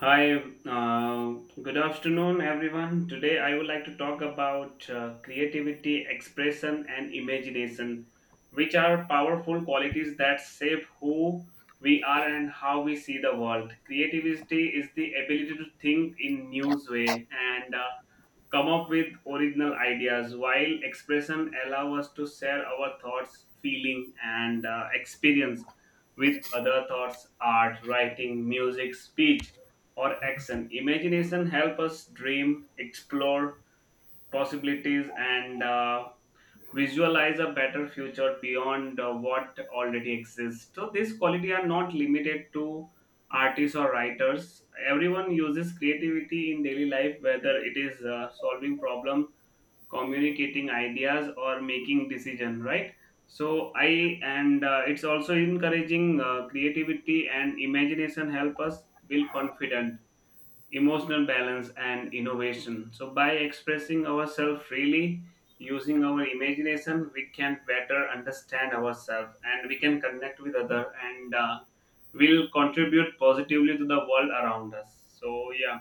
Hi, good afternoon, everyone. Today I would like to talk about creativity, expression, and imagination, which are powerful qualities that shape who we are and how we see the world. Creativity is the ability to think in new way and come up with original ideas, while expression allow us to share our thoughts feeling and experience with other thoughts, art, writing, music, speech or action. Imagination help us dream, explore possibilities and visualize a better future beyond what already exists. So these quality are not limited to artists or writers. Everyone uses creativity in daily life, whether it is solving problem, communicating ideas or making decision, right? So i and It's also encouraging. Creativity and imagination help us build confident, emotional balance and innovation. So by expressing ourselves freely, using our imagination, we can better understand ourselves and we can connect with other, and will contribute positively to the world around us. So yeah,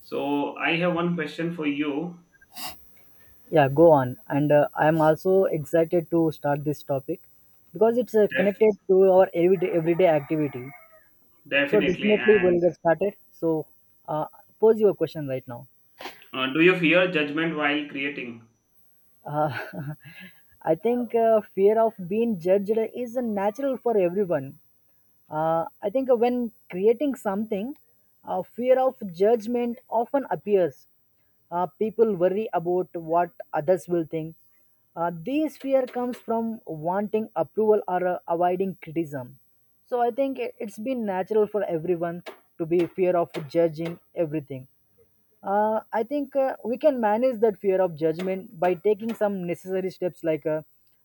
so I have one question for you. Yeah, go on. And I'm also excited to start this topic because it's Def- connected to our everyday activity. So Definitely. definitely we'll And get started. So uh, pose your question right now. Do you fear judgment while creating? Uh, I think fear of being judged is a natural for everyone. I think when creating something, fear of judgment often appears. People worry about what others will think. This fear comes from wanting approval or avoiding criticism. So I think it's been natural for everyone to be fear of judging everything. I think we can manage that fear of judgment by taking some necessary steps like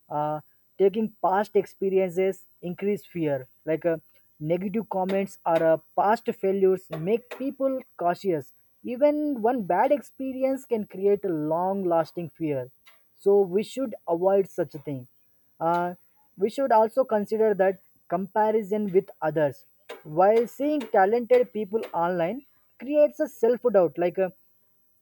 uh, taking past experiences increase fear, like negative comments or past failures make people cautious. Even one bad experience can create a long lasting fear. So we should avoid such a thing. Uh, we should also consider that comparison with others. While seeing talented people online creates a self doubt, like uh,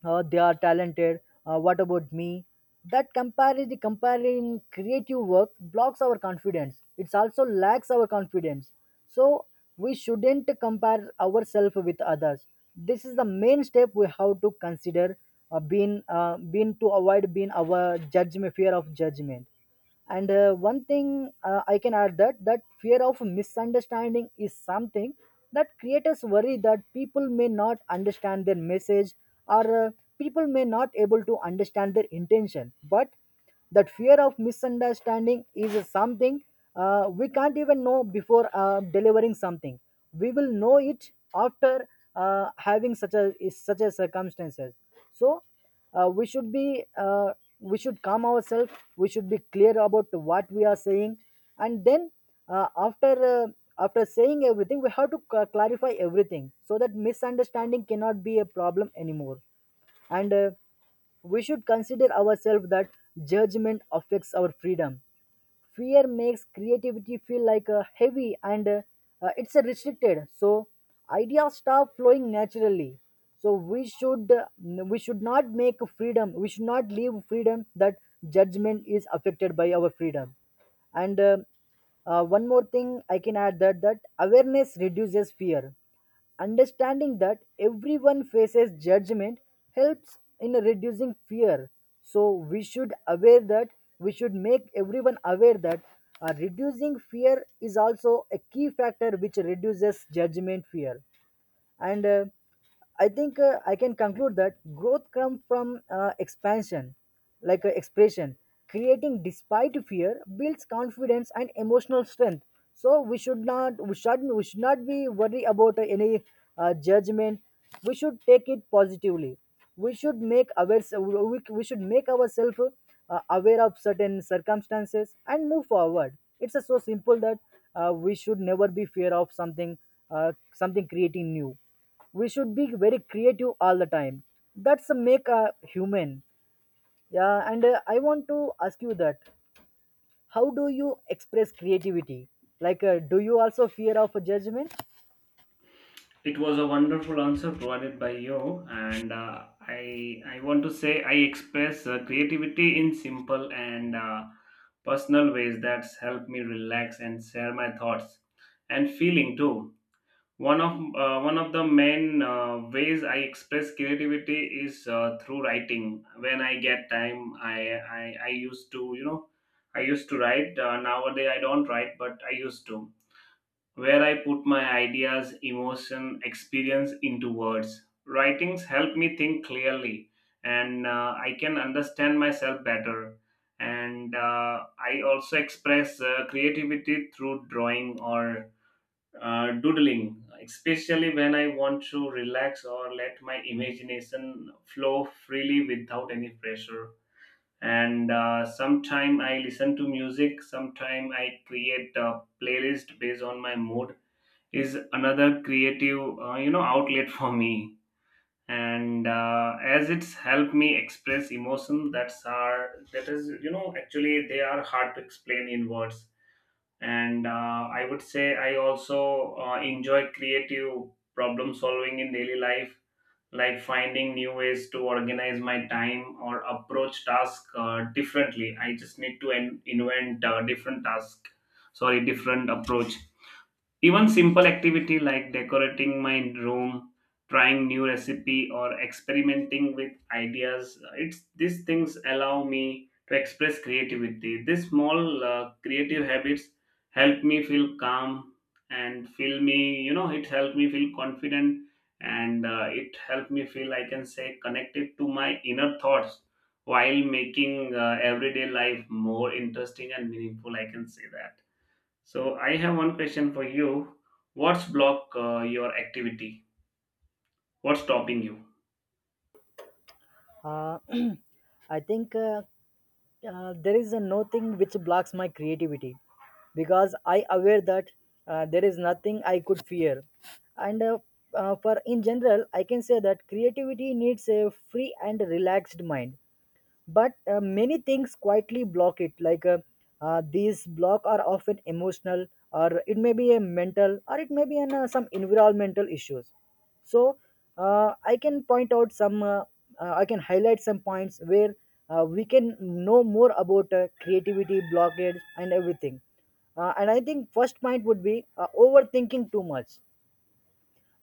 uh, they are talented, what about me? That comparing creative work blocks our confidence. It also lacks our confidence. So we shouldn't compare ourselves with others. This is the main step we have to consider, being, being to avoid being our judgment, fear of judgment. And one thing I can add that fear of misunderstanding is something that creators worry that people may not understand their message or people may not able to understand their intention, but that fear of misunderstanding is something we can't even know before delivering something. We will know it after having such a circumstances. So we should be we should calm ourselves, we should be clear about what we are saying. And then after after saying everything we have to clarify everything so that misunderstanding cannot be a problem anymore. And we should consider ourselves that judgment affects our freedom. Fear makes creativity feel like a heavy, and it's a restricted, so ideas start flowing naturally. So we should not make freedom, we should not leave freedom, that judgment is affected by our freedom. And one more thing I can add that awareness reduces fear. Understanding that everyone faces judgment helps in reducing fear. So we should aware that we should make everyone aware that reducing fear is also a key factor which reduces judgment fear. And I think I can conclude that growth comes from expansion, like expression. Creating despite fear builds confidence and emotional strength. So we should not, we should, we should not be worried about any judgment. We should take it positively. We should make ourselves, we should make ourselves aware of certain circumstances and move forward. It's so simple that we should never be fear of something, something creating new. We should be very creative all the time. That's a make a human. Yeah, and I want to ask you that how do you express creativity, like do you also fear of a judgment? It was a wonderful answer provided by you, and I want to say I express creativity in simple and personal ways that's helped me relax and share my thoughts and feeling too. One of the main ways I express creativity is through writing. When I get time, I used to, you know, I used to write. Nowadays I don't write, but I used to, where I put my ideas, emotion, experience into words. Writings help me think clearly and I can understand myself better. And I also express creativity through drawing or doodling, especially when I want to relax or let my imagination flow freely without any pressure. And sometime I listen to music, sometime I create a playlist based on my mood is another creative, uh, outlet for me, and as it's helped me express emotion that's are that is, you know, actually they are hard to explain in words. And I would say I also enjoy creative problem solving in daily life, like finding new ways to organize my time or approach task differently. I just need to invent different task, sorry, different approach. Even simple activity like decorating my room, trying new recipe or experimenting with ideas, it's these things allow me to express creativity. These small creative habits help me feel calm and feel me, you know, it helped me feel confident, and it helped me feel I can say connected to my inner thoughts while making everyday life more interesting and meaningful, I can say that. So I have one question for you. What's block your activity? What's stopping you? uh, I think there is a no thing which blocks my creativity, because I aware that there is nothing I could fear. And for in general I can say that creativity needs a free and relaxed mind, but many things quietly block it, like these block are often emotional, or it may be a mental, or it may be an, some environmental issues. So I can point out some I can highlight some points where we can know more about creativity blockades and everything. And I think first point would be overthinking too much.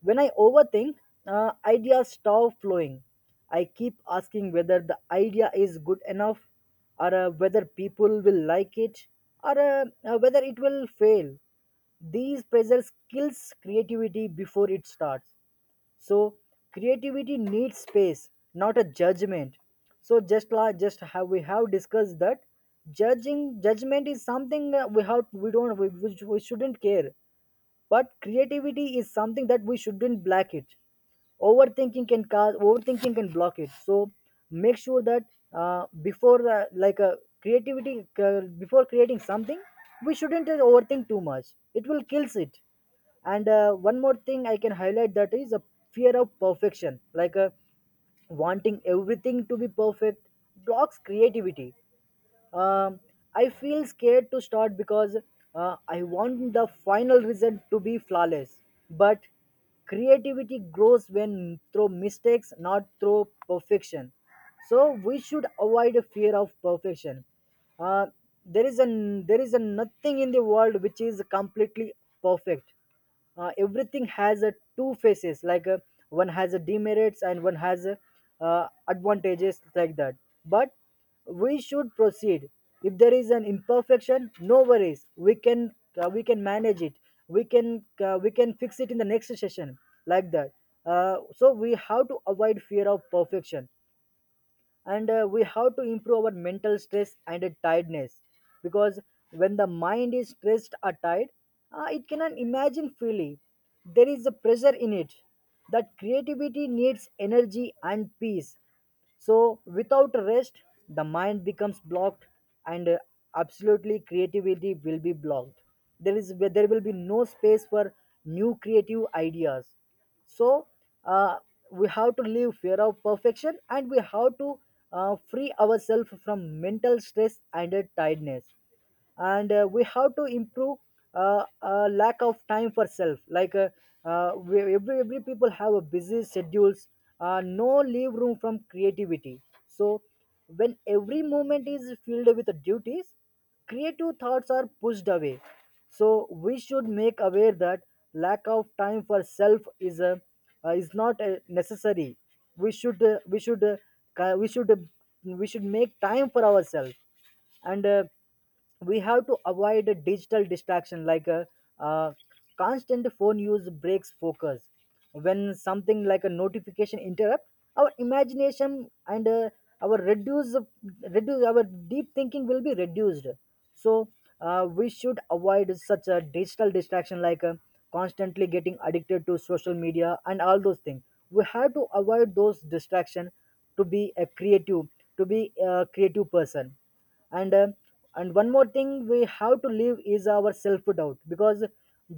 When I overthink, ideas stop flowing. I keep asking whether the idea is good enough, or whether people will like it, or whether it will fail. These pressures kills creativity before it starts. So creativity needs space, not a judgment. So just like just how we have discussed that judging judgment is something we have we don't, we shouldn't care, but creativity is something that we shouldn't block it. Overthinking can cause overthinking can block it, so make sure that before like creativity before creating something we shouldn't overthink too much, it will kills it. And one more thing I can highlight, that is a fear of perfection, like wanting everything to be perfect blocks creativity. um, I feel scared to start because I want the final result to be flawless. But creativity grows when through mistakes, not through perfection. So we should avoid a fear of perfection. Uh, there is a there is a nothing in the world which is completely perfect. Everything has a two faces, like one has a demerits and one has a, advantages, like that. But we should proceed. If there is an imperfection, no worries, we can manage it, we can fix it in the next session, like that. So we have to avoid fear of perfection. And we have to improve our mental stress and tiredness, because when the mind is stressed or tired, it cannot imagine freely. There is a pressure in it, that creativity needs energy and peace. So without rest, the mind becomes blocked, and absolutely creativity will be blocked. There is there will be no space for new creative ideas. So uh, we have to live fear of perfection and we have to free ourselves from mental stress and tiredness. And we have to improve lack of time for self, like we, every people have a busy schedules, no leave room from creativity. So when every moment is filled with duties, creative thoughts are pushed away. So we should make aware that lack of time for self is a is not necessary. We should we should we should we should make time for ourselves. And we have to avoid a digital distraction, like a, uh, constant phone use breaks focus when something like a notification interrupt our imagination, and our reduce, reduce our, deep thinking will be reduced. So we should avoid such a digital distraction, like constantly getting addicted to social media and all those things. We have to avoid those distraction to be a creative, to be a creative person. And uh, and one more thing we have to leave is our self doubt, because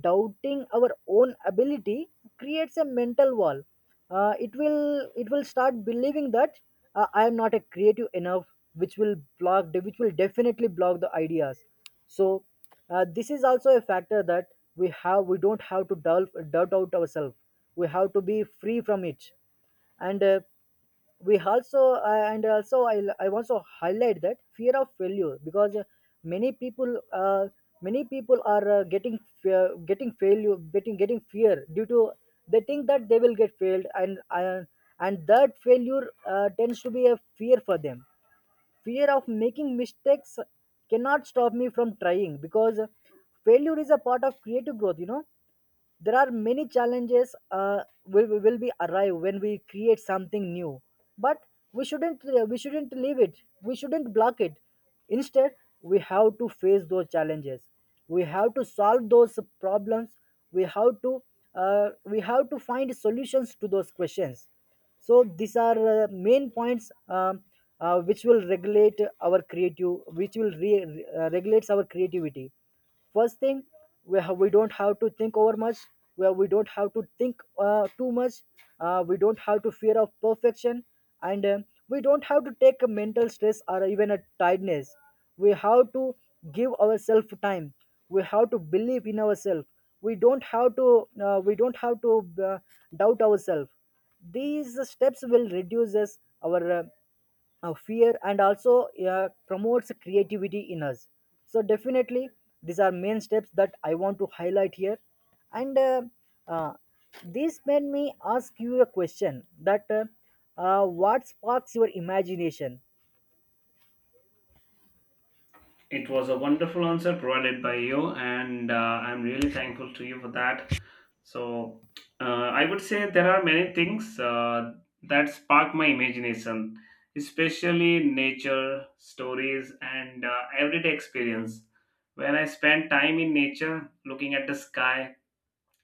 doubting our own ability creates a mental wall. It will, it will start believing that I am not a creative enough, which will block, which will definitely block the ideas. So this is also a factor that we have, we don't have to doubt out ourselves, we have to be free from it. And we also and also I also highlight that fear of failure, because many people uh, many people are getting fear, getting failure, getting fear due to they think that they will get failed, and that failure tends to be a fear for them. Fear of making mistakes cannot stop me from trying, because failure is a part of creative growth, you know. There are many challenges will be arrive when we create something new. But we shouldn't leave it, we shouldn't block it. Instead, we have to face those challenges, we have to solve those problems, we have to we have to find solutions to those questions. So these are main points, which will regulate our creative, which will regulates our creativity. First thing, we, we don't have to think over much. Where we don't have to think too much. We don't have to fear of perfection, and we don't have to take a mental stress or even a tiredness. We have to give ourselves time. We have to believe in ourselves. We don't have to. We don't have to doubt ourselves. These steps will reduce us our fear and also promotes creativity in us. So definitely these are main steps that I want to highlight here. And uh, this made me ask you a question that what sparks your imagination? It was a wonderful answer provided by you, and I'm really thankful to you for that. So uh, I would say there are many things that spark my imagination, especially nature, stories, and everyday experience. When I spend time in nature, looking at the sky,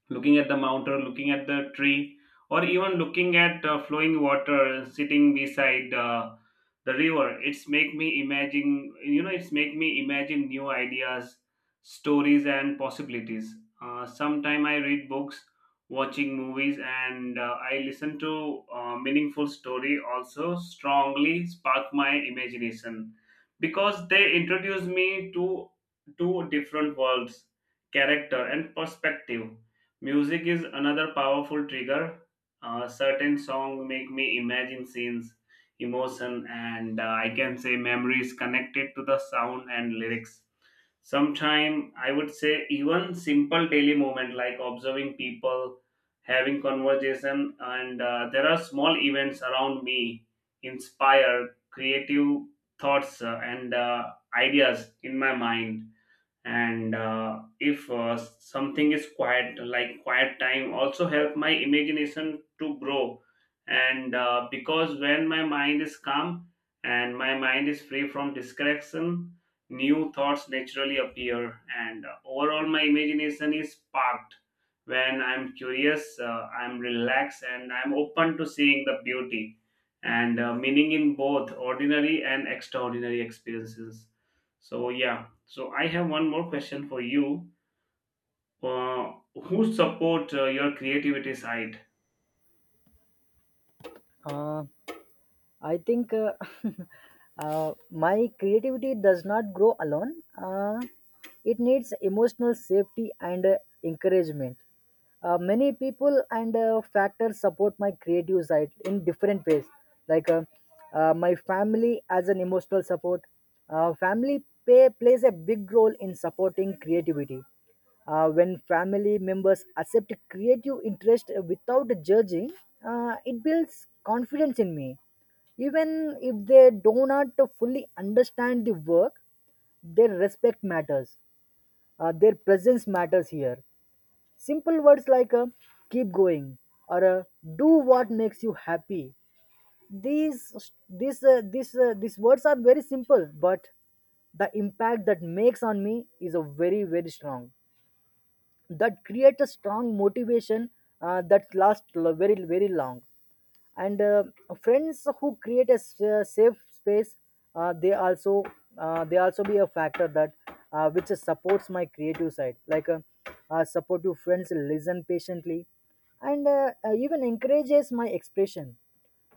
looking at the mountain, looking at the tree, or even looking at flowing water, sitting beside the river, it's make me imagine, you know, it's make me imagine new ideas, stories, and possibilities. Sometime I read books, watching movies, and I listen to meaningful story also, strongly spark my imagination because they introduce me to two different worlds, character and perspective. Music is another powerful trigger. Certain songs make me imagine scenes, emotion, and I can say memories connected to the sound and lyrics. Sometimes I would say even simple daily moment like observing people, having conversation, and there are small events around me inspire creative thoughts and ideas in my mind. And if something is quiet, like quiet time also help my imagination to grow, and because when my mind is calm and my mind is free from distraction, new thoughts naturally appear and overall my imagination is sparked when I'm curious, I'm relaxed and I'm open to seeing the beauty and meaning in both ordinary and extraordinary experiences. So yeah, so I have one more question for you. Uh, who support your creativity side? uh, I think my creativity does not grow alone. It needs emotional safety and encouragement. Many people and factors support my creative side in different ways, like my family as an emotional support. Family plays a big role in supporting creativity. When family members accept creative interest without judging, it builds confidence in me even if they do not fully understand the work, their respect matters. Their presence matters here. Simple words like keep going or do what makes you happy. These words are very simple, but the impact that makes on me is a very, very strong. That creates a strong motivation that lasts very, very long, and friends who create a safe space. Uh, they also uh, they also be a factor that which supports my creative side, like supportive friends listen patiently and even encourages my expression.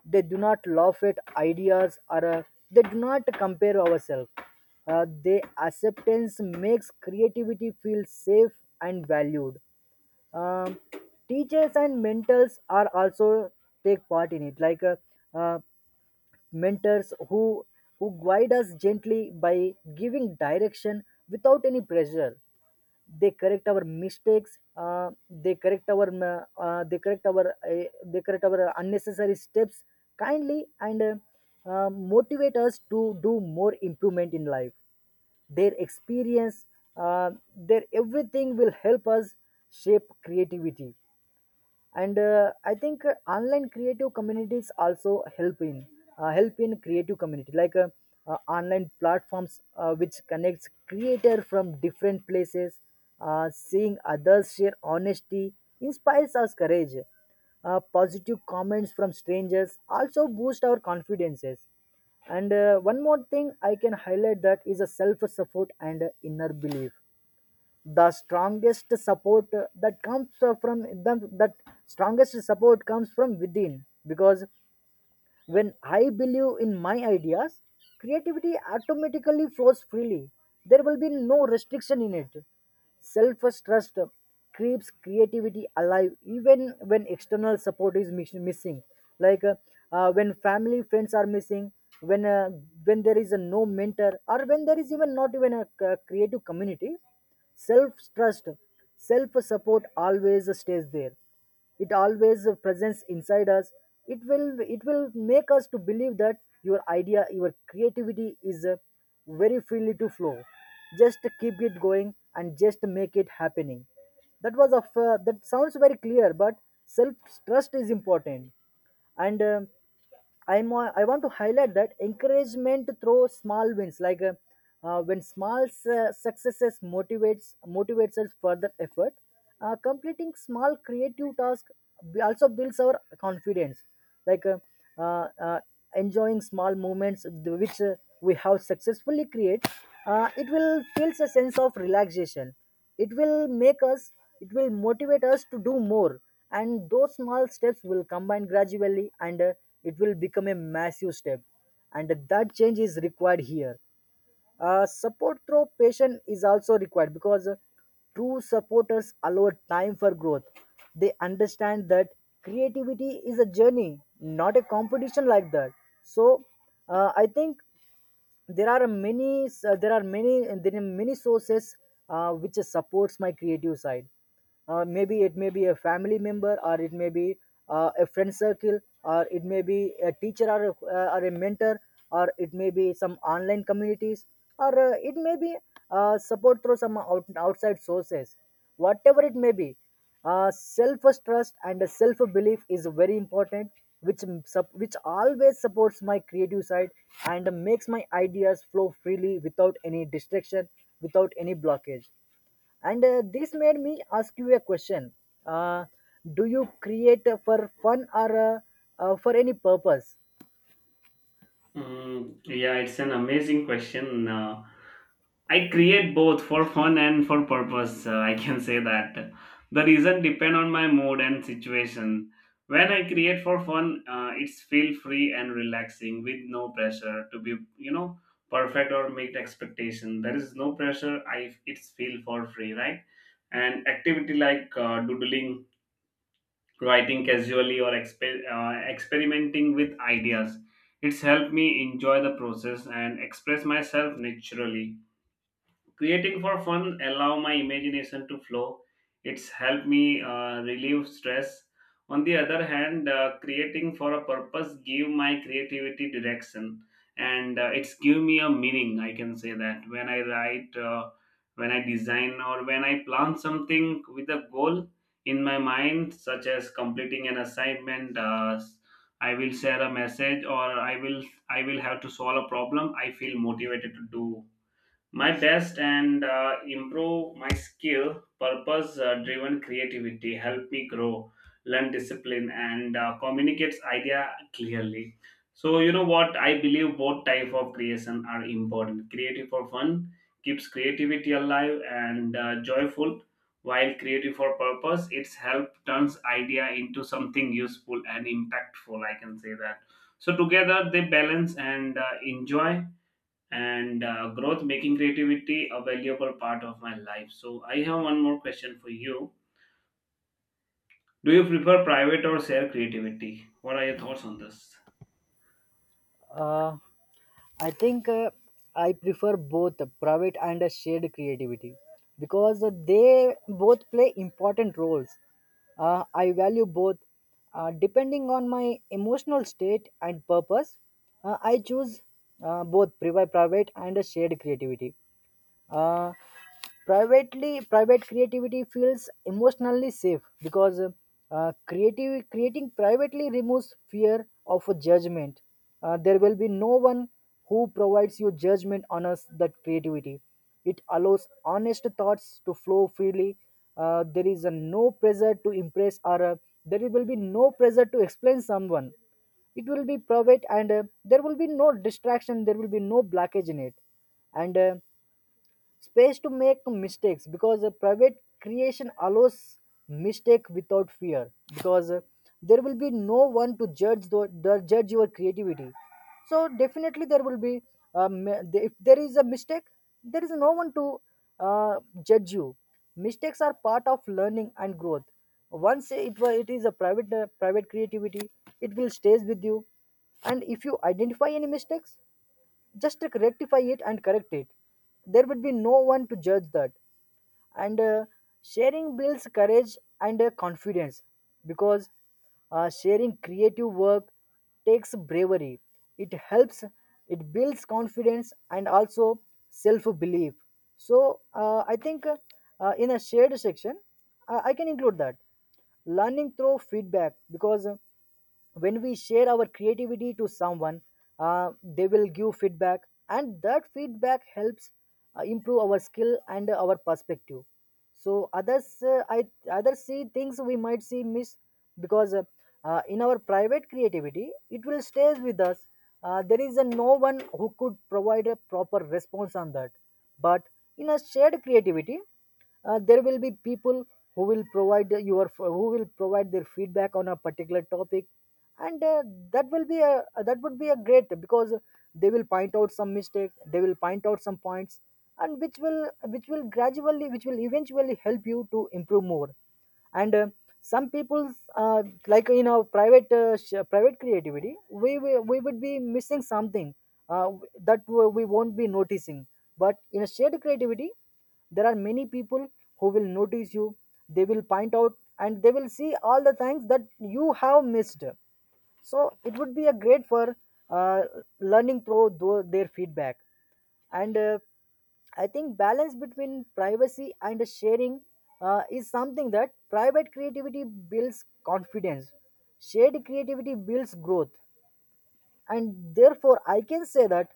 They do not laugh at ideas, or they do not compare ourselves. Their acceptance makes creativity feel safe and valued. um, Teachers and mentors are also take part in it, like uh, mentors who guide us gently by giving direction without any pressure. They correct our mistakes. Uh, they correct our they correct our They correct our unnecessary steps kindly, and motivate us to do more improvement in life. Their experience, uh, their everything will help us shape creativity. And I think online creative communities also help in creative community, like online platforms which connects creator from different places. Seeing others share honesty inspires us courage. Positive comments from strangers also boost our confidences. And one more thing I can highlight, that is a self support and inner belief. The strongest support that comes from them that strongest support comes from within, because when I believe in my ideas, creativity automatically flows freely. There will be no restriction in it. Self trust keeps creativity alive even when external support is missing. Like when family friends are missing, when uh, when there is a no mentor, or when there is even not even a creative community, self trust, self support always stays there. It always presents inside us. It will it will make us to believe that your idea, your creativity is very freely to flow. Just keep it going and just make it happening. That was a f- That sounds very clear, but self trust is important. And I want to highlight that encouragement through small wins, like when small successes motivates us further effort. Completing small creative tasks also builds our confidence, like uh, uh, enjoying small moments which we have successfully created. It will feels a sense of relaxation. it will make us it will motivate us to do more, and those small steps will combine gradually, and it will become a massive step, and that change is required here. Support through patient is also required, because true supporters allow time for growth. They understand that creativity is a journey, not a competition, like that. So I think there are many sources which supports my creative side. Maybe it may be a family member, or it may be a friend circle, or it may be a teacher, or or a mentor, or it may be some online communities, or it may be support through some outside sources. Whatever it may be, self trust and self belief is very important, which always supports my creative side and makes my ideas flow freely without any distraction, without any blockage. And this made me ask you a question. uh, do you create for fun, or for any purpose? Mm, yeah, it's an amazing question. I create both for fun and for purpose. I can say that the reason depend on my mood and situation. When I create for fun, it's feel free and relaxing with no pressure to be, you know, perfect or meet expectation. There is no pressure. I it's feel for free, right? And activity like doodling, writing casually or experimenting with ideas, it's helped me enjoy the process and express myself naturally. Creating for fun allow my imagination to flow. It's helped me relieve stress. On the other hand, creating for a purpose give my creativity direction, and it's give me a meaning, I can say that. When I write, when I design, or when I plan something with a goal in my mind, such as completing an assignment, I will share a message, or I will I will have to solve a problem, I feel motivated to do my best and improve my skill. Purpose driven creativity help me grow, learn discipline and communicates idea clearly. So you know what, I believe both type of creation are important. Creative for fun keeps creativity alive and joyful, while creative for purpose, it's help turns idea into something useful and impactful, I can say that. So together they balance and enjoy and growth, making creativity a valuable part of my life. So I have one more question for you. Do you prefer private or share creativity? What are your thoughts on this? uh, I think I prefer both private and shared creativity, because they both play important roles. I value both. Depending on my emotional state and purpose, I choose both private and shared creativity. Uh, Private creativity feels emotionally safe, because creative creating privately removes fear of a judgment. There will be no one who provides you judgment on us that creativity. It allows honest thoughts to flow freely. There is a no pressure to impress, or there will be no pressure to explain someone. It will be private, and there will be no distraction, there will be no blockage in it. And space to make mistakes, because a private creation allows mistake without fear, because there will be no one to judge the judge your creativity. So definitely there will be. um, if there is a mistake, there is no one to uh, judge you. Mistakes are part of learning and growth. Once it is a private creativity, it will stays with you. And if you identify any mistakes, just rectify it and correct it. There would be no one to judge that. And sharing builds courage and confidence, because sharing creative work takes bravery. It helps, it builds confidence and also self belief. So I think in a shared section, I can include that learning through feedback, because when we share our creativity to someone, they will give feedback, and that feedback helps improve our skill and our perspective. So others see things we might see miss, because in our private creativity it will stay with us. There is a no one who could provide a proper response on that. But in a shared creativity, there will be people who will provide their feedback on a particular topic. And that would be a great, because they will point out some mistakes, they will point out some points, and which will eventually help you to improve more. And some people's like in our private creativity we would be missing something, uh, that we won't be noticing. But in a shared creativity, there are many people who will notice you. They will point out, and they will see all the things that you have missed. So it would be a great for uh, learning through their feedback. And I think balance between privacy and sharing is something that private creativity builds confidence, shared creativity builds growth. And therefore I can say that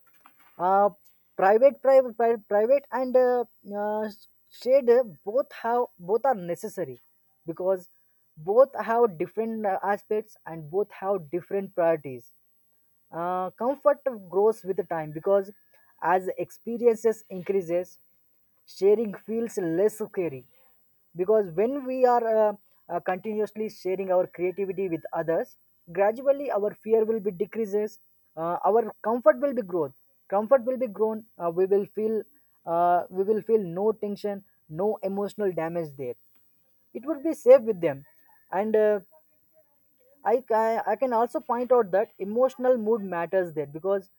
uh, private and uh, shared, both are necessary, because both have different aspects, and both have different priorities. Comfort grows with time, because as experiences increases, sharing feels less scary. Because when we are continuously sharing our creativity with others, gradually our fear will be decreases. Our comfort will be grown. Comfort will be grown. We will feel, we will feel no tension, no emotional damage there. It would be safe with them. And I can also point out that emotional mood matters there, because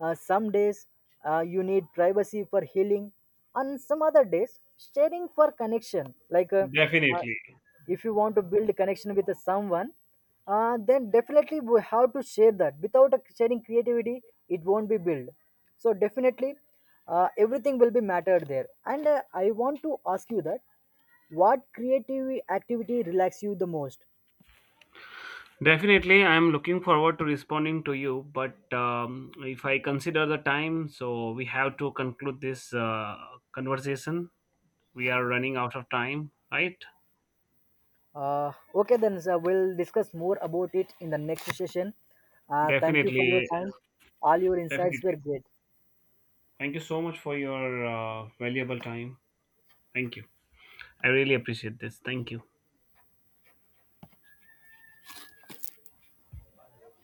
some days you need privacy for healing, and some other days sharing for connection. Like uh, Definitely. if you want to build a connection with someone, then definitely we have to share that. Without sharing creativity, it won't be built. So definitely, everything will be mattered there. And I want to ask you that, what creative activity relax you the most? Definitely, I'm looking forward to responding to you, but if I consider the time, so we have to conclude this conversation. We are running out of time, right? Okay, then sir, we'll discuss more about it in the next session. Thank you for your Definitely, time. All your insights definitely. were great. Thank you so much for your valuable time. Thank you. I really appreciate this. Thank you.